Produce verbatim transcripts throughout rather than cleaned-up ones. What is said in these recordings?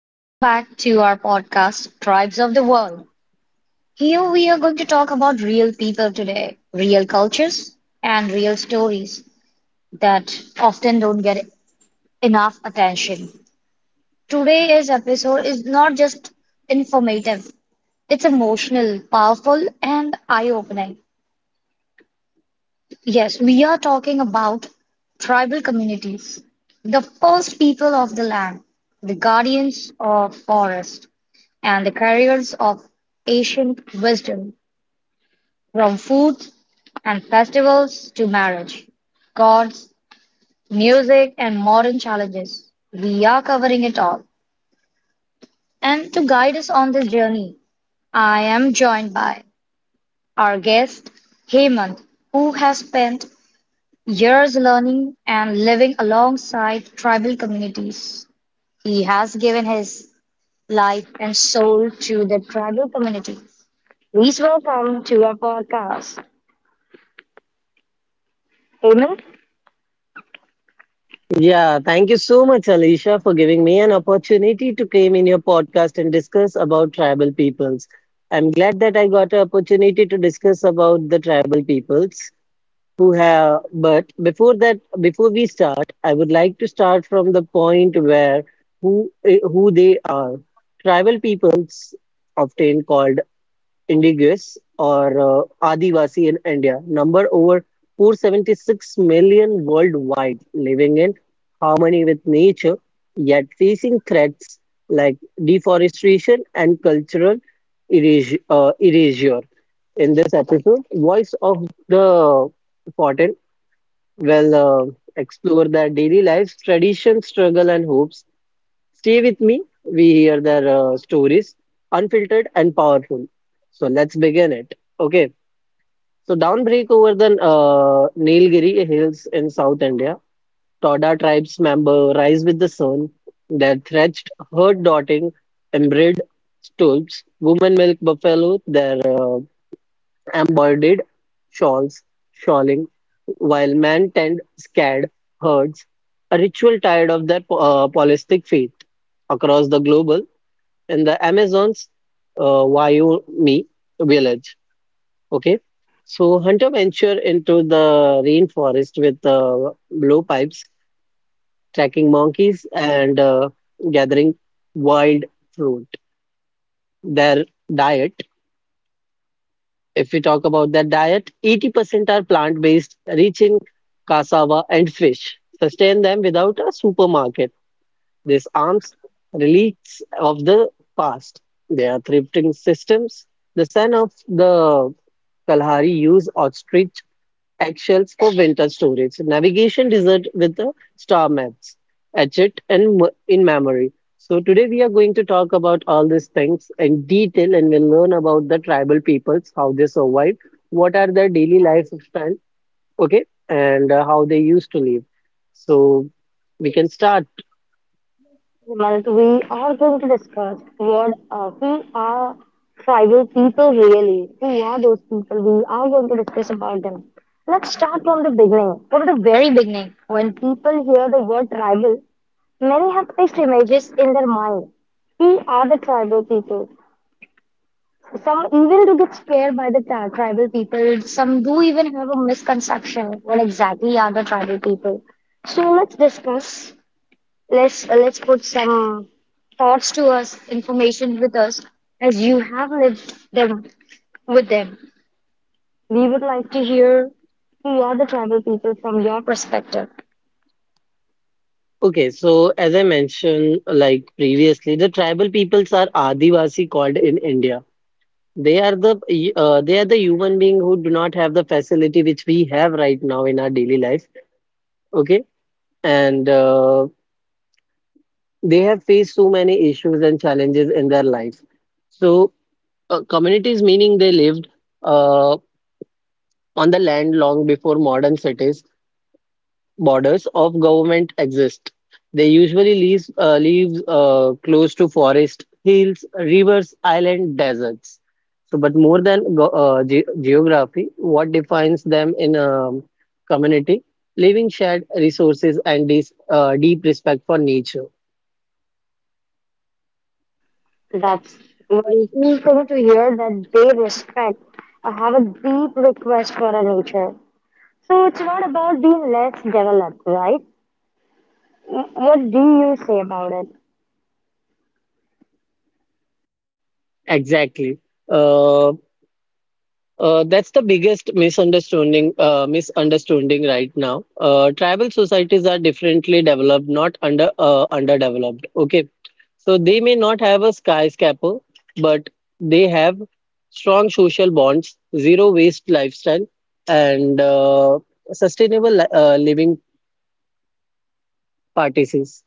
Welcome back to our podcast, Tribes of the World. Here we are going to talk about real people today, real cultures, and real stories that often don't get enough attention. Today's episode is not just informative, it's emotional, powerful, and eye opening. Yes, we are talking about tribal communities, the first people of the land, the guardians of forest and the carriers of ancient wisdom, from foods and festivals to marriage, gods, music, and modern challenges. We are covering it all. And to guide us on this journey, I am joined by our guest, Hemant, who has spent years learning and living alongside tribal communities. He has given his life and soul to the tribal community. Please welcome to our podcast, Raymond, Yeah, thank you so much, Alicia, for giving me an opportunity to claim in your podcast and discuss about tribal peoples. I'm glad that I got an opportunity to discuss about the tribal peoples who have, but before that, before we start, I would like to start from the point where who eh, who they are. Tribal peoples, often called indigenous or uh, Adivasi in India, number over four hundred seventy-six million worldwide, living in harmony with nature, yet facing threats like deforestation and cultural eras- uh, erasure. In this episode, Voice of the Fortin will uh, explore their daily lives, traditions, struggle, and hopes. Stay with me. We hear their uh, stories, unfiltered and powerful. So let's begin it. Okay. So downbreak over the uh, Nilgiri hills in South India. Toda tribes member rise with the sun. Their thatched herd dotting embroidered stools, women milk buffalo, their uh, embroidered shawls, shawling, while men tend scared herds, a ritual tired of their uh, polytheistic faith across the global in the Amazon's uh, Wyoming village. Okay, so Hunter venture into the rainforest with uh, blowpipes, tracking monkeys and uh, gathering wild fruit. Their diet, if we talk about their diet, eighty percent are plant-based, rich in cassava and fish. Sustain them without a supermarket. These arms, relics of the past, they are thrifting systems. The son of the Kalahari used ostrich eggshells for winter storage, navigation desert with the star maps, etched and m- in memory. So today we are going to talk about all these things in detail and we'll learn about the tribal peoples, how they survived, what are their daily lifestyle, okay, and uh, how they used to live. So we can start. Raymond, we are going to discuss what uh, who are tribal people really. Who are those people? We are going to discuss about them. Let's start from the beginning, from the very beginning. When people hear the word tribal, many have fixed images in their mind. Who are the tribal people? Some even do get scared by the tri- tribal people. Some do even have a misconception. What exactly are the tribal people? So let's discuss. let's uh, let's put some thoughts to us, information with us, as you have lived them with them. We would like to hear who are the tribal people from your perspective. Okay, so as I mentioned, like previously, the tribal peoples are Adivasi called in India. They are the uh, they are the human being who do not have the facility which we have right now in our daily life. Okay, and uh, they have faced so many issues and challenges in their life. So uh, communities meaning they lived uh, on the land long before modern cities borders of government exist. They usually leaves uh, live uh, close to forest, hills, rivers, island, deserts. So, but more than go uh, ge geography, what defines them in a community? Living shared resources and this uh, deep respect for nature. That's very cool thing to hear that they respect or have a deep request for a nature. So it's not about being less developed, right? Wh- What do you say about it? Exactly. Uh, uh, that's the biggest misunderstanding uh, misunderstanding right now. Uh, tribal societies are differently developed, not under uh, underdeveloped. Okay. So they may not have a skyscraper, but they have strong social bonds, zero waste lifestyle, and uh, sustainable li- uh, living practices,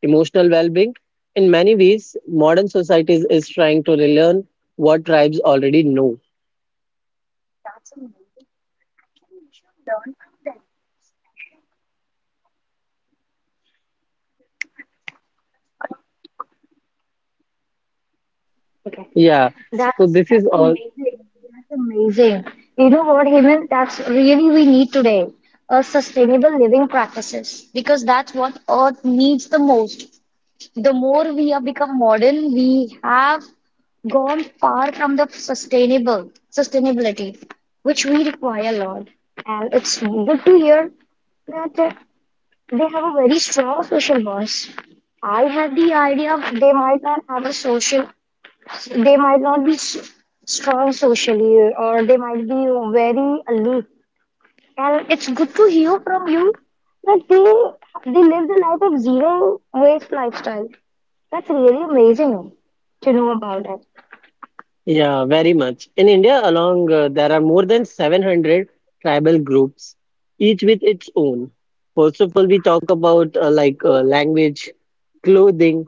emotional well-being. In many ways, modern societies is trying to relearn what tribes already know. Yeah. That's So this is all. amazing. That's amazing. You know what, Hemant? That's really we need today. A sustainable living practices because that's what Earth needs the most. The more we have become modern, we have gone far from the sustainable sustainability, which we require a lot. And it's good to hear that uh, they have a very strong social voice. I had the idea of they might not have a social, they might not be s- strong socially, or they might be very aloof, and it's good to hear from you that they they live the life of zero waste lifestyle. That's really amazing to know about it. Yeah, very much. In India along, uh, there are more than seven hundred tribal groups, each with its own. First of all, we talk about uh, like uh, language, clothing,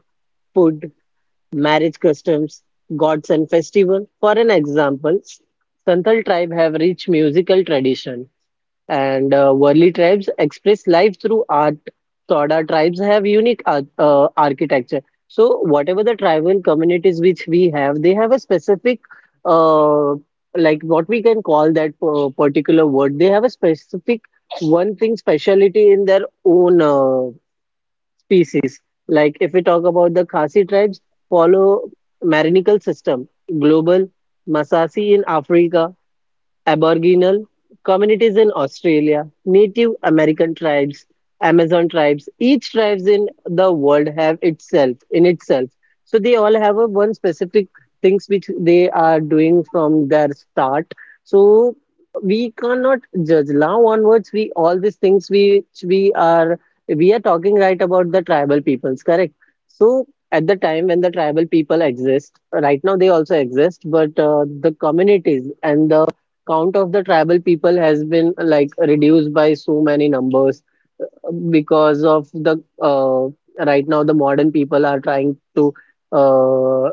food, marriage customs, gods and festival. For an example, Santhal tribe have rich musical tradition. And uh, Worli tribes express life through art. Toda tribes have unique ar- uh, architecture. So, whatever the tribal communities which we have, they have a specific, uh, like what we can call that uh, particular word. They have a specific one thing speciality in their own uh, species. Like if we talk about the Khasi tribes, follow Marinical system, global, Masasi in Africa, Aboriginal communities in Australia, Native American tribes, Amazon tribes, each tribes in the world have itself in itself. So they all have a one specific things which they are doing from their start. So we cannot judge now onwards. We all these things which we are we are talking right about the tribal peoples, correct? So at the time when the tribal people exist, right now they also exist, but uh, the communities and the count of the tribal people has been like reduced by so many numbers because of the uh, right now the modern people are trying to uh,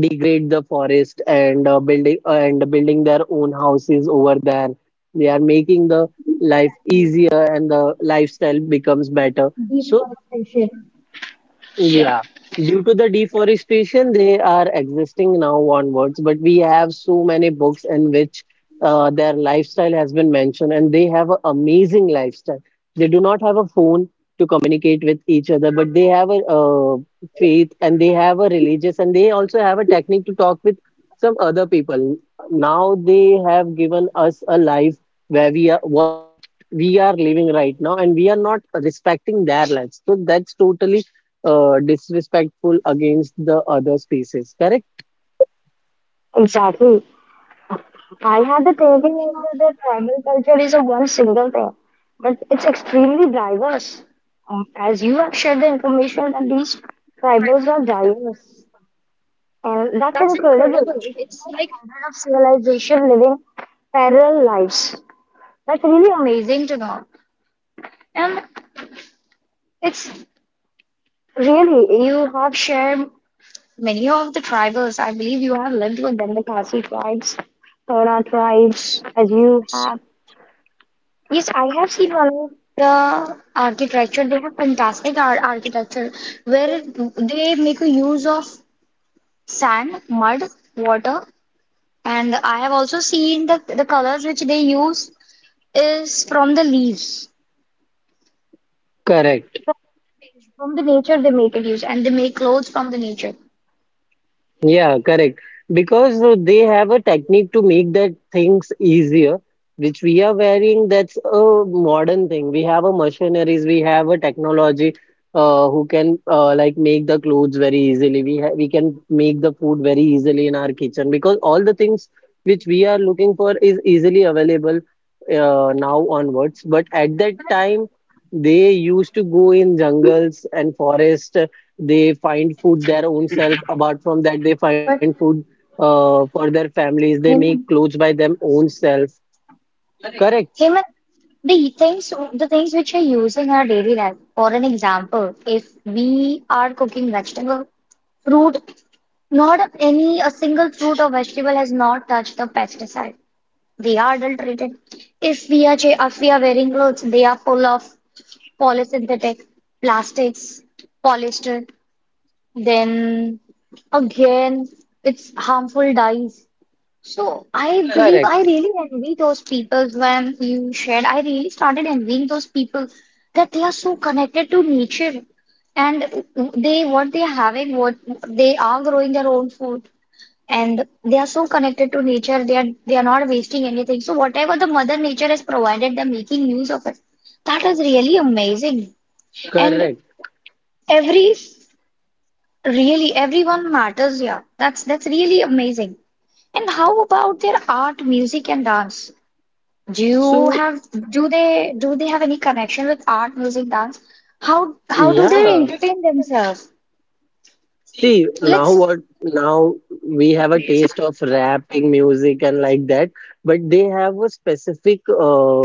degrade the forest and uh, building and building their own houses over there. They are making the life easier and the lifestyle becomes better. So Appreciate yeah, due to the deforestation, they are existing now onwards, but we have so many books in which uh, their lifestyle has been mentioned, and they have an amazing lifestyle. They do not have a phone to communicate with each other, but they have a uh, faith and they have a religious, and they also have a technique to talk with some other people. Now they have given us a life where we are what we are living right now, and we are not respecting their lives. So that's totally uh, disrespectful against the other species, correct? it. Exactly, I had the thinking of that the tribal culture is a one single thing but it's extremely diverse. Um, as you have shared the information that these tribals are diverse. And that's incredible. It's like hundreds of civilization living parallel lives. That's really amazing to know. And it's really, you have shared many of the tribals. I believe you have lived with them, the Khasi tribes, Tona tribes, as you have. Yes, I have seen one of the architecture. They have fantastic art architecture where they make a use of sand, mud, water, and I have also seen the the colors which they use is from the leaves, Correct. from the nature they make it use, and they make clothes from the nature. Yeah, correct. Because uh, they have a technique to make that things easier, which we are wearing. That's a modern thing. We have a machineries, we have a technology uh, who can uh, like make the clothes very easily. We ha we can make the food very easily in our kitchen because all the things which we are looking for is easily available uh, now onwards. But at that time, they used to go in jungles and forest, they find food their own self. Apart from that, they find But food uh, for their families. They make him, clothes by them own self. Correct, him, and the things, the things which we use in our daily life. For an example, if we are cooking vegetable, fruit, not any a single fruit or vegetable has not touched the pesticide. They are adulterated. If we are cha- if we are wearing clothes, they are full of polysynthetic plastics, polyester, then again it's harmful dyes. So I believe I correct, really envy those people when you shared. I really started envying those people that they are so connected to nature, and they what they are having, what they are growing their own food, and they are so connected to nature. They are they are not wasting anything. So whatever the mother nature has provided, they're making use of it. That is really amazing. And correct. every really everyone matters, yeah. That's that's really amazing. And how about their art, music, and dance? Do you So have do they do they have any connection with art, music, dance? How how do they yeah, entertain themselves? see now Let's what now we have a taste of rapping music and like that, but they have a specific uh,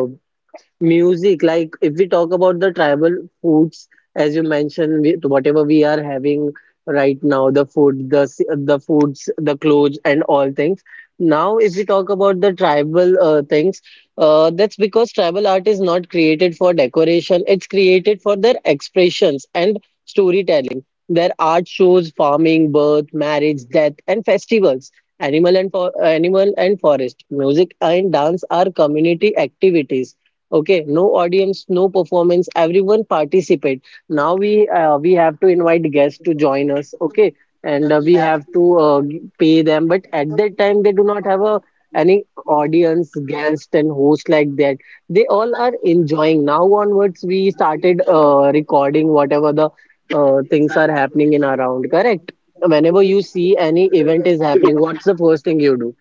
music. Like if we talk about the tribal foods, as you mentioned, we, whatever we are having right now, the food, the s- the foods, the clothes, and all things. Now, if we talk about the tribal uh, things, uh, that's because tribal art is not created for decoration. It's created for their expressions and storytelling. Their art shows farming, birth, marriage, death, and festivals. Animal and for, animal and forest, music and dance are community activities. Okay, no audience, no performance, everyone participate. Now we uh, we have to invite guests to join us. Okay. And uh, we have to uh, g- pay them, but at that time they do not have a any audience, guest and host like that. They all are enjoying. Now onwards we started uh, recording whatever the uh, things are happening in around, correct? Whenever you see any event is happening, what's the first thing you do?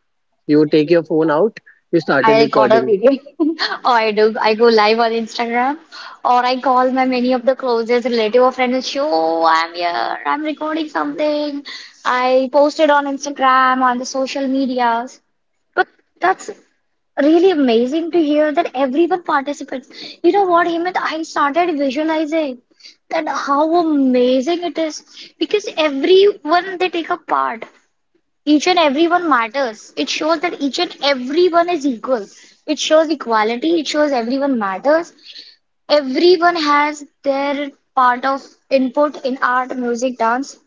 You take your phone out, you started I record a recording. video or I do I go live on Instagram, or I call my many of the closest relative or friends and show I'm here, I'm recording something. I post it on Instagram, on the social medias. But that's really amazing to hear that everyone participates. You know what, Hemant? I started visualizing that how amazing it is because everyone they take a part. Each and everyone matters. It shows that each and everyone is equal. It shows equality. It shows everyone matters. Everyone has their part of input in art, music, dance.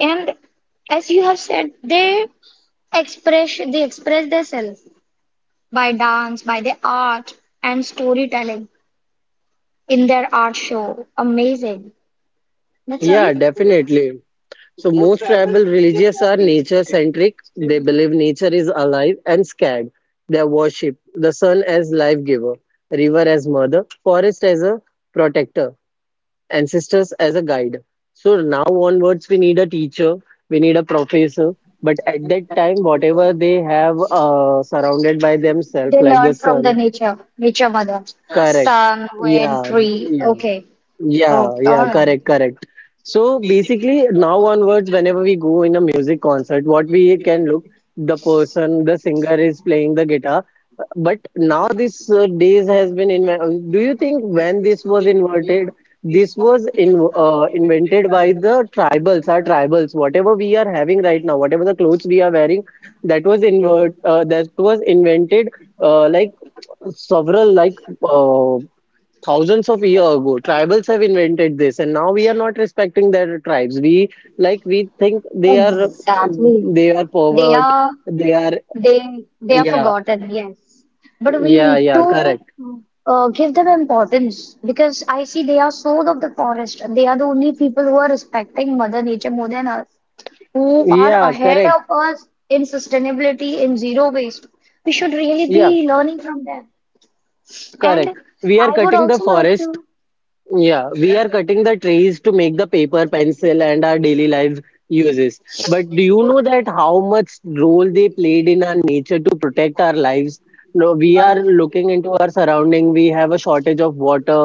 And as you have said, they express they express themselves by dance, by their art, and storytelling in their art show. Amazing. That's Yeah, right. definitely. So most tribal religious are nature centric. They believe nature is alive and scared. They worship the sun as life giver, river as mother, forest as a protector, ancestors as a guide. So now onwards we need a teacher, we need a professor. But at that time, whatever they have uh, surrounded by themselves, They like the learn from the sun, nature, nature mother. correct. Sun, wind, Yeah, tree. yeah. Okay. Oh, Yeah, all yeah, right. correct, correct. So basically, now onwards, whenever we go in a music concert, what we can look, the person, the singer is playing the guitar. But now this uh, days has been invented. Do you think when this was inverted, this was in uh, invented by the tribals, our tribals, whatever we are having right now, whatever the clothes we are wearing, that was invert uh, that was invented uh, like several like uh, thousands of years ago. Tribals have invented this, and now we are not respecting their tribes. We like we think they are Exactly. they are They pervert, are they are. they they are Yeah, forgotten, yes. But we yeah, need yeah, to correct. uh, give them importance because I see they are soul of the forest. They are the only people who are respecting Mother Nature more than us, who are Yeah, ahead correct. of us in sustainability, in zero waste. We should really Yeah, be learning from them. correct. And We are I would cutting the also like forest. to. Yeah, we are cutting the trees to make the paper, pencil, and our daily life uses. But do you know that how much role they played in our nature to protect our lives? No, we are looking into our surrounding. We have a shortage of water,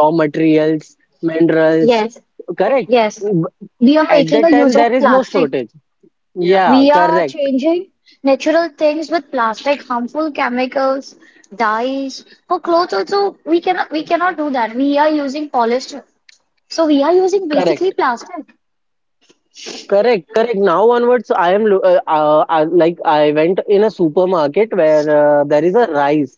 raw materials, minerals. Yes, Correct. yes. We are At making a that time, use there of is no plastic. shortage. Yeah, We are correct, changing natural things with plastic, harmful chemicals, dyes. For clothes also, we cannot we cannot do that. We are using polyester. So we are using basically correct. plastic. Correct, correct. Now onwards, I am lo- uh, uh, uh, like I went in a supermarket where uh, there is a rice,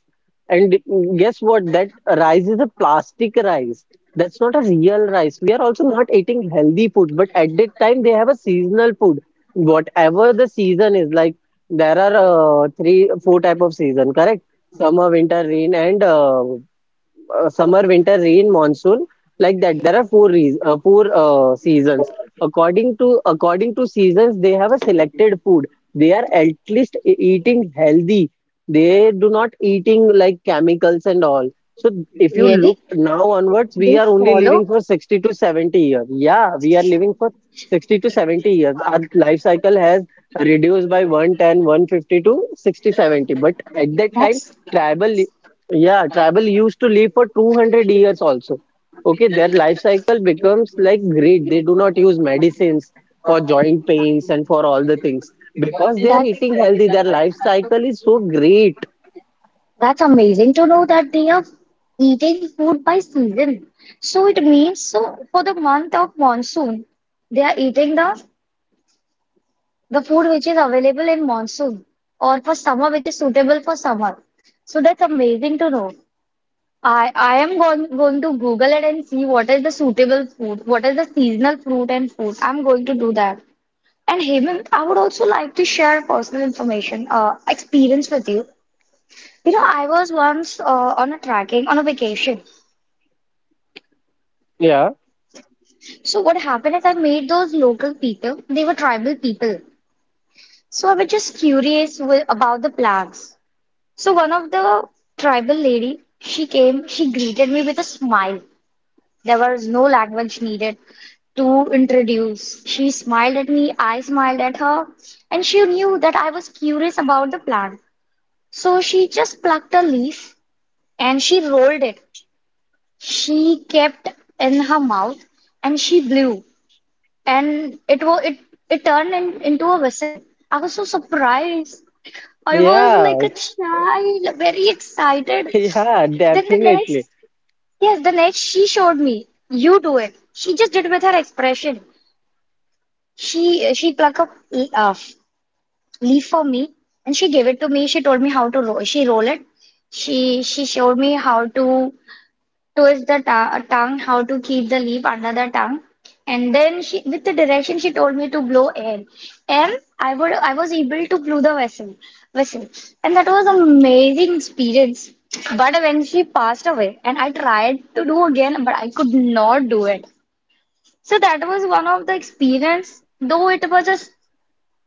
and guess what? That rice is a plastic rice. That's not a real rice. We are also not eating healthy food, but at that time they have a seasonal food. Whatever the season is, like there are uh, three, four type of season. Correct? Summer, winter, rain, and uh, uh, summer, winter, rain, monsoon, like that. There are four reas uh, four uh, seasons. According to according to seasons, they have a selected food. They are at least e- eating healthy. They do not eating like chemicals and all. So if you look Really? now onwards, we They are only living follow? for sixty to seventy years. Yeah, we are living for sixty to seventy years. Our life cycle has reduced by one ten, one fifty to sixty seventy. But at that time, That's tribal yeah, tribal used to live for two hundred years also. Okay, their life cycle becomes like great. They do not use medicines for joint pains and for all the things because they are That's eating healthy. Their life cycle is so great. that's amazing to know that they are eating food by season. So it means so for the month of monsoon, they are eating the the food which is available in monsoon, or for summer which is suitable for summer. So that's amazing to know. I I am going going to Google it and see what is the suitable fruit, what is the seasonal fruit and food. I'm going to do that. And Hemant, I would also like to share personal information, uh, experience with you. You know, I was once uh, on a trekking on a vacation. Yeah, So what happened is I made those local people. They were tribal people. So I was just curious with, about the plants. So one of the tribal lady, she came, she greeted me with a smile. There was no language needed to introduce. She smiled at me, I smiled at her, and she knew that I was curious about the plant. So she just plucked a leaf and she rolled it. She kept in her mouth and she blew, and it was it it turned in, into a whistle. I was so surprised. I was yeah, like a child, very excited. yeah, Then the next definitely. Yes, the next she showed me. You do it. She just did with her expression. She she plucked a uh, leaf for me and she gave it to me. She told me how to roll. She roll it. She she showed me how to. Towards the ta- tongue, how to keep the leaf under the tongue. And then she, with the direction, she told me to blow air. And I would, I was able to blow the vessel, whistle. And that was amazing experience. But when she passed away, and I tried to do again, but I could not do it. So that was one of the experience. Though it was just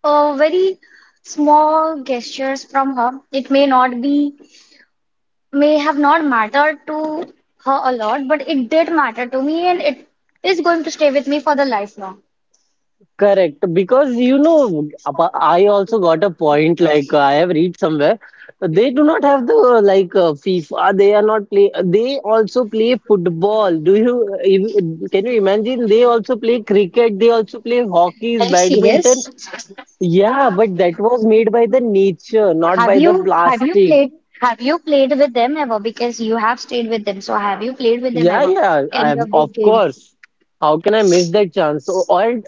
a very small gestures from her, it may not be may have not mattered to her a lot, but it did matter to me, and it is going to stay with me for the lifelong. Correct, because you know, apa- I also got a point. Like I have read somewhere, they do not have the uh, like uh, FIFA. They are not play. They also play football. Do you? If- Can you imagine? They also play cricket. They also play Are hockeys, you badminton. serious? Yeah, but that was made by the nature, not Have by the you have you plastic. played have you played with them ever? Because you have stayed with them, so have you played with them Yeah, ever? yeah, I, Any of of these games? course. How can I miss that chance? Or, or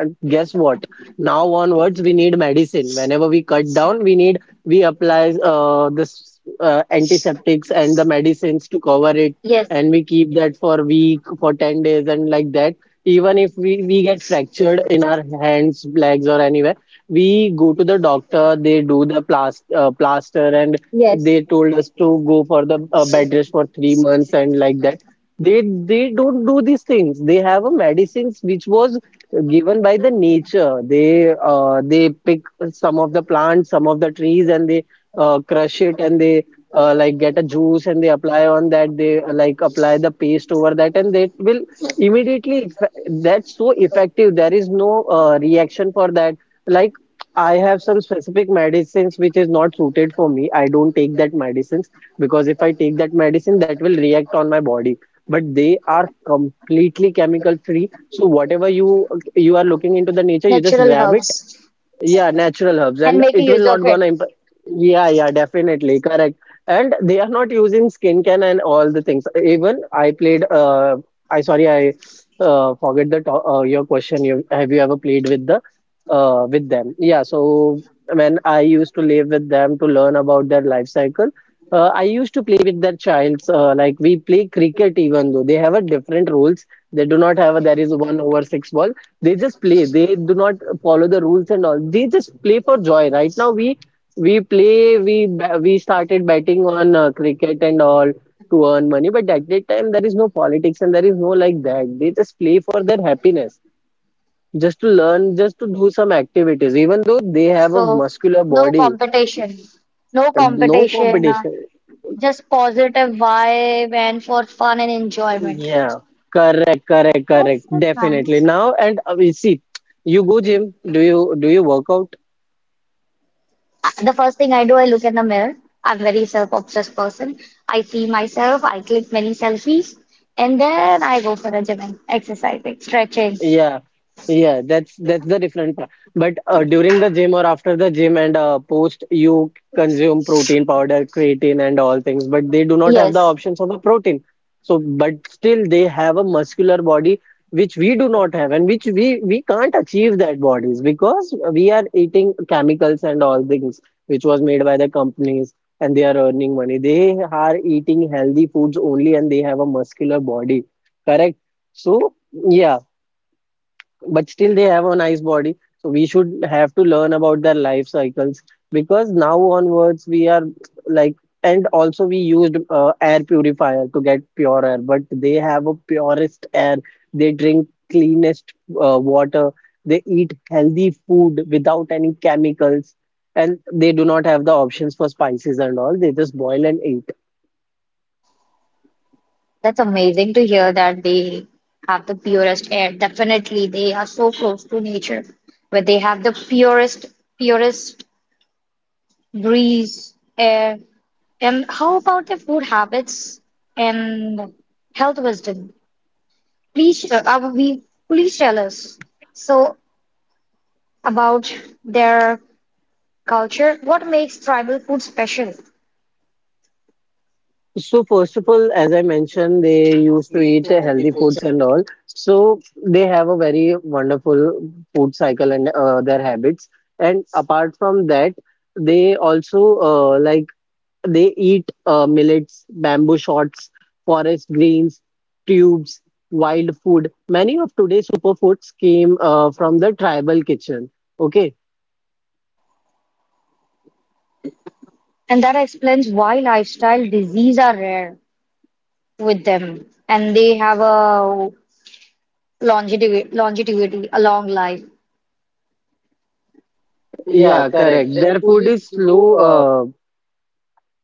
uh, guess what? Now onwards, we need medicine. Whenever we cut down, we need we apply uh, this uh, antiseptics and the medicines to cover it, Yes, and we keep that for a week, for ten days, and like that. Even if we, we get fractured in our hands, legs, or anywhere, we go to the doctor. They do the plast uh, plaster and yes. they told us to go for the uh, bed rest for three months, and like that, they they don't do these things. They have a medicines which was given by the nature. They uh, they pick some of the plants, some of the trees, and they uh, crush it, and they uh, like get a juice and they apply on that. They uh, like apply the paste over that, and they will immediately effe- that's so effective. There is no uh, reaction for that. Like, I have some specific medicines which is not suited for me. I don't take that medicines because if I take that medicine, that will react on my body. But they are completely chemical free. So whatever you you are looking into the nature, you just Natural grab it. herbs Yeah, natural herbs, and and make it will use of not it. gonna impact. Yeah, yeah, definitely correct. And they are not using skincare and all the things. Even I played. Uh, I sorry, I uh, forget the to- uh, your question. You have you ever played with the uh, with them? Yeah. So when I used to live with them to learn about their life cycle, uh, I used to play with their childs. Uh, like we play cricket, even though they have a different rules. They do not have a there is one over six ball. They just play, they do not follow the rules and all. They just play for joy. Right now we we play, we ba- we started betting on uh, cricket and all to earn money, but at that time there is no politics, and there is no like that. They just play for their happiness, just to learn, just to do some activities, even though they have a So muscular no body competition, no and no competition. uh, competition. Just positive vibe and for fun and enjoyment. Yeah, correct correct correct That's that's definitely nice. now. And uh, we see you go gym, do you do you work out? Uh, The first thing I do, I look in the mirror. I'm very self-obsessed person. I see myself, I click many selfies, and then I go for a gym and exercising, stretching. Yeah, yeah, that's that's the different part. But uh, during the gym or after the gym, and uh, post, you consume protein powder, creatine, and all things. But they do not have the Yes, options of a protein. So, but still they have a muscular body which we do not have, and which we we can't achieve that bodies because we are eating chemicals and all things which was made by the companies, and they are earning money. They are eating healthy foods only, and they have a muscular body. Correct. So. Yeah, but still they have a nice body, so we should have to learn about their life cycles because now onwards we are like. And also we used uh, air purifier to get pure air, but they have a purest air. They drink cleanest uh, water. They eat healthy food without any chemicals, and they do not have the options for spices and all. They just boil and eat. that's amazing to hear that they have the purest air. Definitely, they are so close to nature, where they have the purest, purest breeze, air. And how about the food habits and health wisdom? Please, uh, uh, we please tell us. So about their culture, what makes tribal food special. So first of all, as I mentioned, they used to eat uh, healthy foods and all. So they have a very wonderful food cycle and uh, their habits. And apart from that, they also uh, like they eat uh, millets, bamboo shoots, forest greens, tubes, wild food. Many of today's superfoods came uh, from the tribal kitchen. Okay. And that explains why lifestyle disease are rare with them. And they have a longevity, longevity, a long life. Yeah, correct. Their food is slow, uh,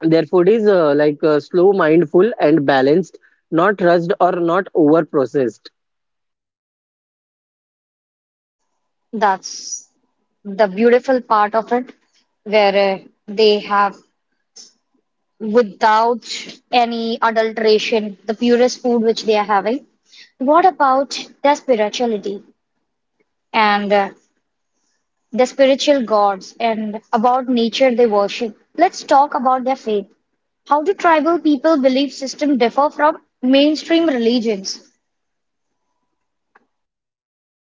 Their food is uh, like uh, slow, mindful, and balanced, not rushed or not over processed. That's the beautiful part of it, where uh, they have, without any adulteration, the purest food which they are having. What about their spirituality? And uh, the spiritual gods and about nature they worship. Let's talk about their faith. How do tribal people belief system differ from mainstream religions?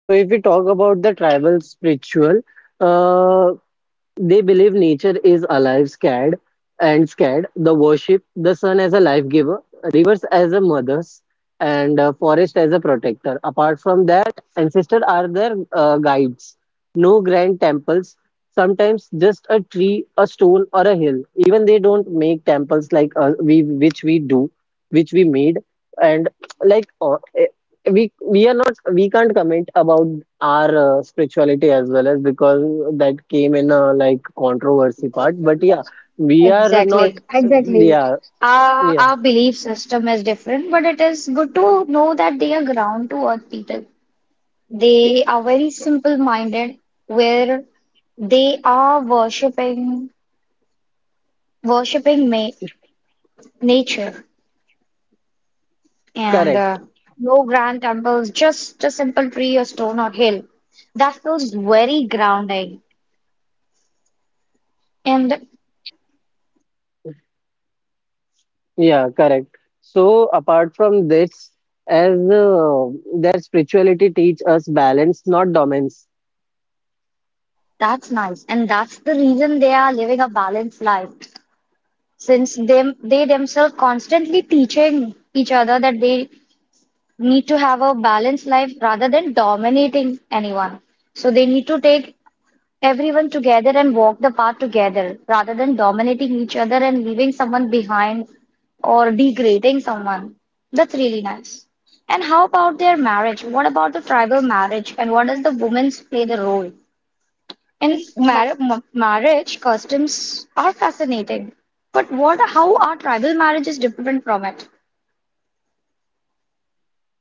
So, if we talk about the tribal spiritual, uh, they believe nature is alive, scared, and scared. They worship the sun as a life giver, rivers as a mothers, and uh, forest as a protector. Apart from that, ancestors are their uh, guides. No grand temples, sometimes just a tree, a stone, or a hill. Even they don't make temples like uh, we, which we do, which we made, and like uh, we we are not we can't comment about our uh, spirituality as well as, because that came in a like controversy part. But yeah, we are not. Exactly, exactly. Yeah, Our, yeah, our belief system is different, but it is good to know that they are ground to earth people. They are very simple minded, where they are worshipping worshipping ma- nature. and correct. uh, no grand temples, just a simple tree or stone or hill. That feels very grounding, and Yeah, correct. So apart from this, as uh, their spirituality teach us balance, not dominance. that's nice. And that's the reason they are living a balanced life, since them they themselves constantly teaching each other that they need to have a balanced life rather than dominating anyone. So they need to take everyone together and walk the path together rather than dominating each other and leaving someone behind or degrading someone. That's really nice. And how about their marriage? What about the tribal marriage? And what does the women's play the role? In mar m- marriage, customs are fascinating. But what, how are tribal marriages different from it?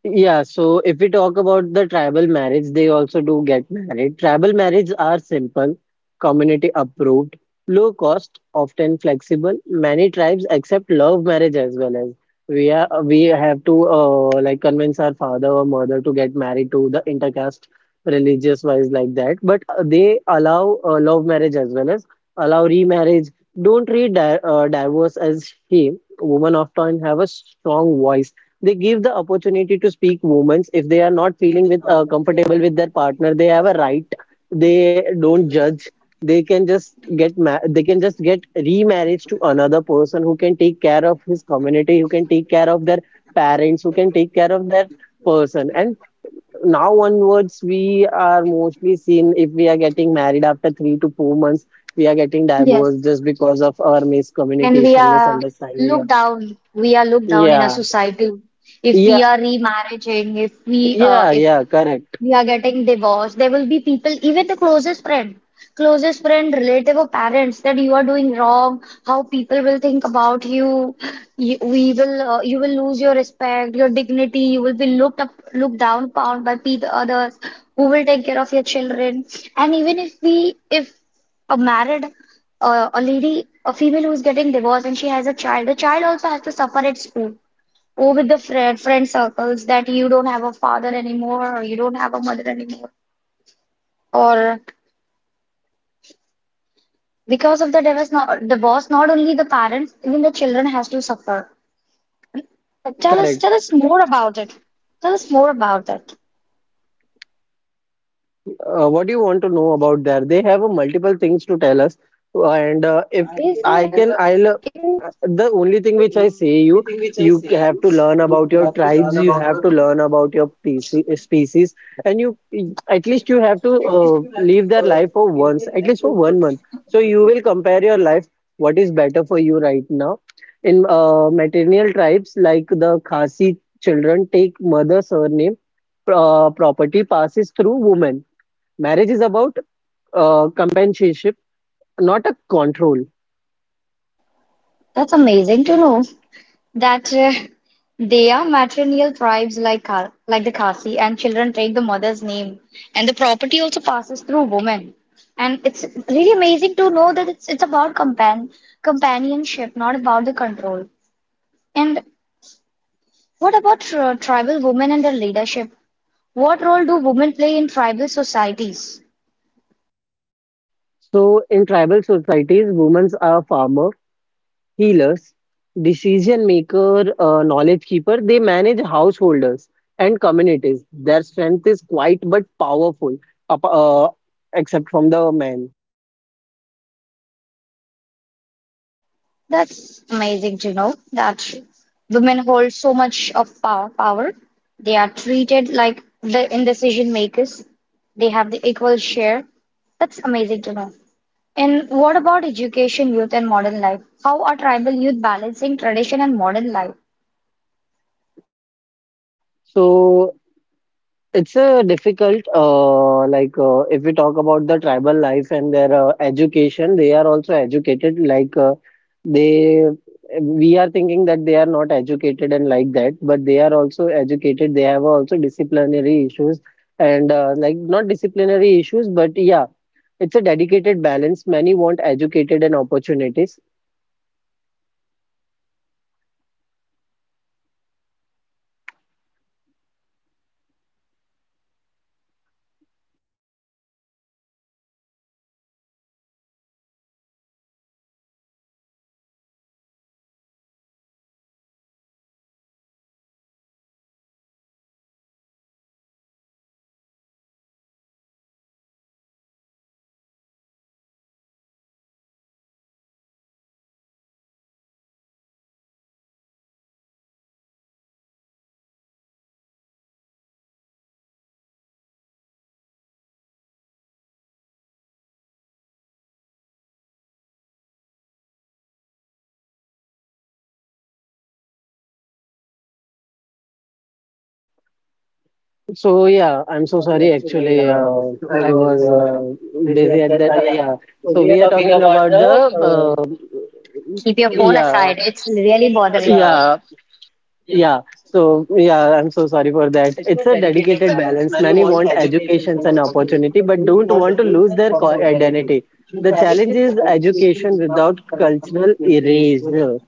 Yeah, so if we talk about the tribal marriage, they also do get married. Tribal marriages are simple, community approved, low cost, often flexible. Many tribes accept love marriage. As well as, we are we have to uh, like convince our father or mother to get married to the intercaste, religious wise, like that. But uh, they allow uh, love marriage, as well as allow remarriage. Don't treat di uh, divorce as shame. Women often have a strong voice. They give the opportunity to speak women. If they are not feeling with uh, comfortable with their partner, they have a right. They don't judge. They can just get ma- they can just get remarriage to another person who can take care of his community, who can take care of their parents, who can take care of their person. And now onwards we are mostly seen, if we are getting married after three to four months, we are getting Yes, divorced just because of our and we miscommunication, are misunderstanding. yeah looked down. We are looked down in our yeah society if we yeah are remarrying, if we uh, yeah if yeah correct. we are getting divorced. There will be people, even the closest friend, closest friend, relative or parents, that you are doing wrong. How people will think about you. You we will, uh, you will lose your respect, your dignity. You will be looked up, looked down upon by pe others who will take care of your children. And even if we, if a married uh, a lady, a female who is getting divorced and she has a child, the child also has to suffer at school. Or with the friend friend circles that you don't have a father anymore or you don't have a mother anymore, or because of the divorce not divorce not only the parents, even the children has to suffer. But tell us tell Correct. us more about it. Tell us more about it. Uh, what do you want to know about there? They have a multiple things to tell us, and uh, if Is I can, uh, I'll. Uh, is The only thing which I say you, you have to learn about your tribes. You have to learn about your P C, species, and you, at least you have to uh, live their life for once, at least for one month. So you will compare your life. What is better for you right now? In uh, matrilineal tribes, like the Khasi, children take mother surname. Uh, property passes through women. Marriage is about uh, companionship, not a control. That's amazing to know that uh, they are matrilineal tribes like Ka- like the Khasi, and children take the mother's name, the property also passes through women. And it's really amazing to know that it's it's about compan companionship, not about the control. And what about tri tribal women and their leadership? What role do women play in tribal societies? So, in tribal societies, women are farmer, healers, decision maker, uh, knowledge keeper. They manage householders and communities. Their strength is quite but powerful, up- uh, except from the men. That's amazing to know that women hold so much of power. Power. They are treated like the indecision makers. They have the equal share. That's amazing to know. And what about education, youth, and modern life? How are tribal youth balancing tradition and modern life? So, It's a difficult, uh, like uh, if we talk about the tribal life and their uh, education, they are also educated. Like uh, they, we are thinking that they are not educated and like that, but they are also educated. They have also disciplinary issues, and uh, like not disciplinary issues, but yeah, it's a dedicated balance. Many want educated and opportunities. So yeah, I'm so sorry. Actually, uh, I was uh, busy. Keep your phone aside. It's really bothering me. Yeah. So yeah, I'm so sorry for that. It's a patience and opportunity, but don't want to lose their co- identity. The challenge is education without cultural erasure,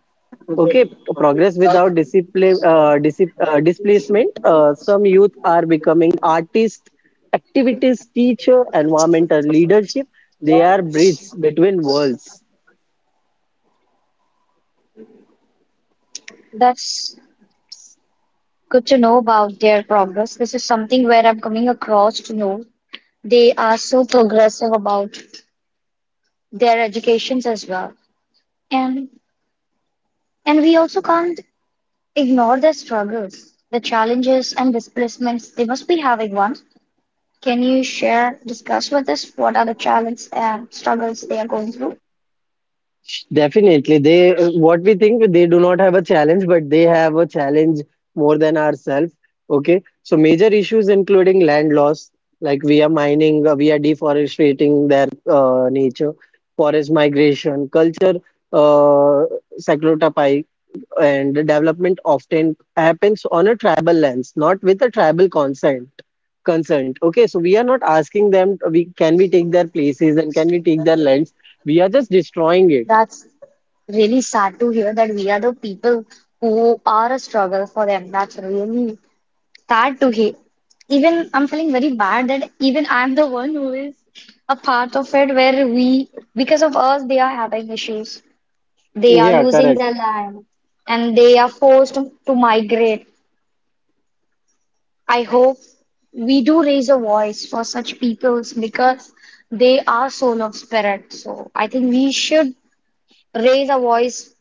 progress without discipline, uh, disip, uh, displacement. Uh, some youth are becoming artists, activities, teacher, environmental leadership. They are bridges between worlds. That's good to know about their progress. This is something where I'm coming across to know they are so progressive about their educations as well. And and we also can't ignore their struggles, the challenges and displacements they must be having one. Can you share, discuss with us what are the challenges and struggles they are going through? Definitely, they, what we think, they do not have a challenge, but they have a challenge more than ourselves. Okay, so major issues including land loss, like we are mining, uh, we are deforestating their uh, nature, forest migration, culture, uh, saccnotypy, and development often happens on a tribal lands, not with a tribal consent. Consent. Okay, so we are not asking them. We can we take their places, and can we take their lands? We are just destroying it. That's really sad to hear that we are the people who are a struggle for them. That's really sad to hear. Even I'm feeling very bad that even I'm the one who is a part of it where we, because of us, they are having issues. They are Yeah, losing correct. their land and they are forced to, to migrate. I hope we do raise a voice for such peoples because they are soul of spirit. So I think we should raise a voice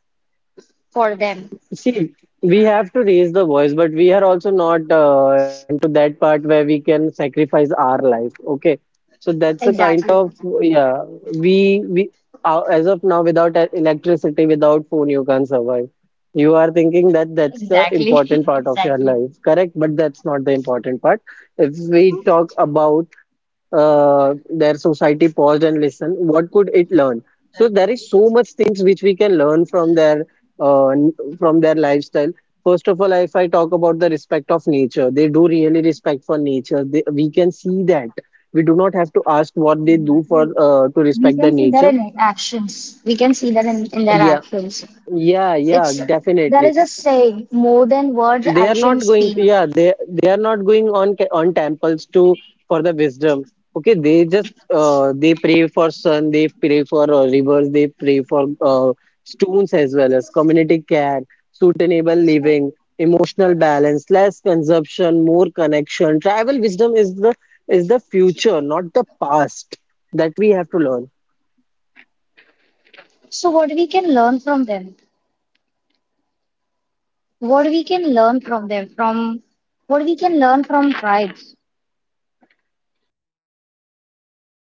for them. See, we have to raise the voice, but we are also not uh, into that part where we can sacrifice our life. Okay, so that's a kind Exactly. of, Exactly. yeah. We we uh, as of now without e- electricity, without phone, you can't survive. You are thinking that that's Exactly. Exactly. is correct, but that's not the important part. If we talk about uh, their society paused and listen, what could it learn? So there is so much things which we can learn from their uh, n- from their lifestyle. First of all, if I talk about the respect of nature, they do really respect for nature. They, we can see that. We do not have to ask what they do for uh, to We respect. can see that in actions. We can see that in, in their actions. Yeah, yeah, It's there definitely. is a saying, more than words, actions Going speak. yeah, they they are not going on ca- on temples to for the wisdom. Okay, they just uh, they pray for sun, they pray for uh, rivers, they pray for uh, stones, as well as community care, sustainable living, emotional balance, less consumption, more connection. Tribal wisdom is the is the future, not the past, that we have to learn. So what we can learn from them? What we can learn from them? From what we can learn from tribes?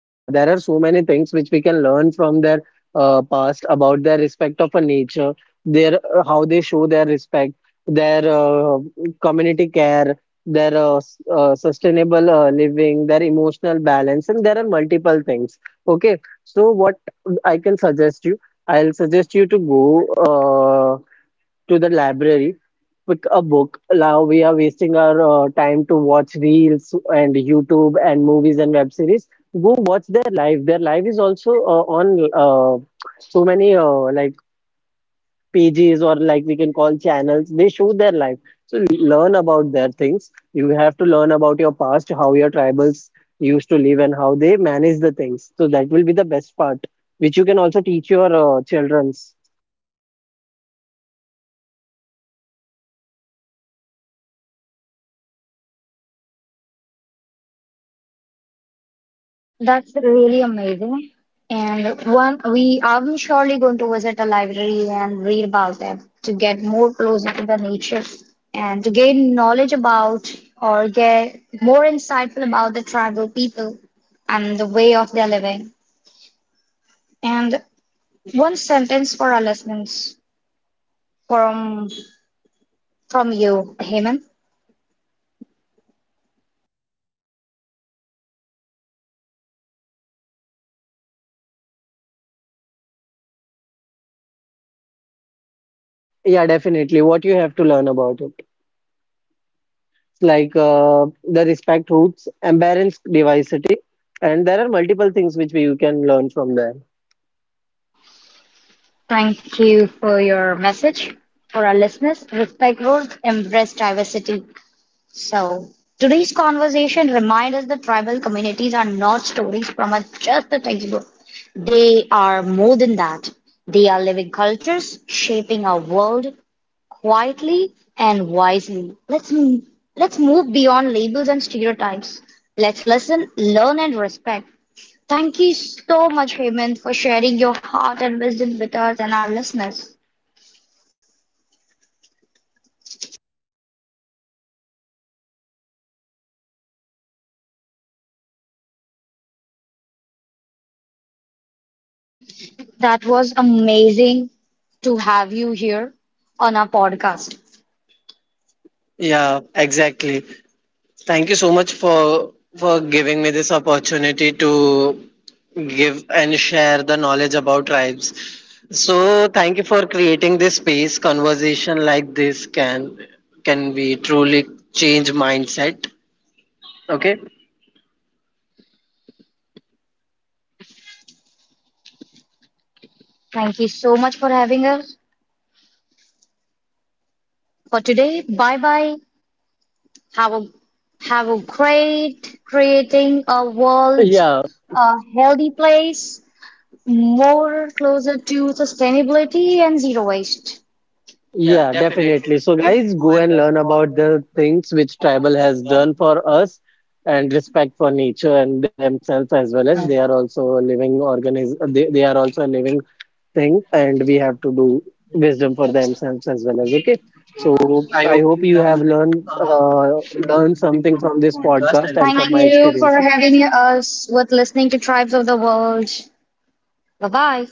Uh, there are so many things which we can learn from their uh, past, about their respect of a nature, their uh, how they show their respect, their uh, community care, their uh, s- uh, sustainable uh, living, their emotional balance, and there are multiple things. Okay, so what I can suggest you, I'll suggest you to go uh, to the library, pick a book. Now we are wasting our uh, time to watch reels and YouTube and movies and web series. Go watch their live. Their live is also uh, on uh, so many uh, like pages, or like we can call channels. They show their life. So learn about their things. You have to learn about your past, how your tribals used to live and how they manage the things. So that will be the best part, which you can also teach your uh, childrens. That's really amazing. And one, we are surely going to visit a library and read about them to get more closer to the nature and to gain knowledge about or get more insightful about the tribal people and the way of their living. And one sentence for our listeners from from you, Heyman. Yeah, definitely. What you have to learn about it. like uh, the respect roots, embrace diversity, and there are multiple things which we, you can learn from there. Thank you for your message. For our listeners, respect roads, embrace diversity. So, today's conversation reminds us that tribal communities are not stories from a, just a textbook. They are more than that. They are living cultures shaping our world quietly and wisely. Let's m- let's move beyond labels and stereotypes. Let's listen, learn, and respect. Thank you so much, Hemant, for sharing your heart and wisdom with us and our listeners. That was amazing to have you here on our podcast. Thank you so much for having us for today. Bye bye. Have a have a great creating a world, Yeah, a healthy place, more closer to sustainability and zero waste. yeah, definitely. So, guys, go and learn about the things which tribal has done for us, and respect for nature and themselves, as well as they are also a living organism. they, they are also a living thing, and we have to do wisdom for themselves as well as, okay. So, hope you have learned uh, learned something from this podcast Thank and you for having us with listening to Tribes of the World. Bye bye.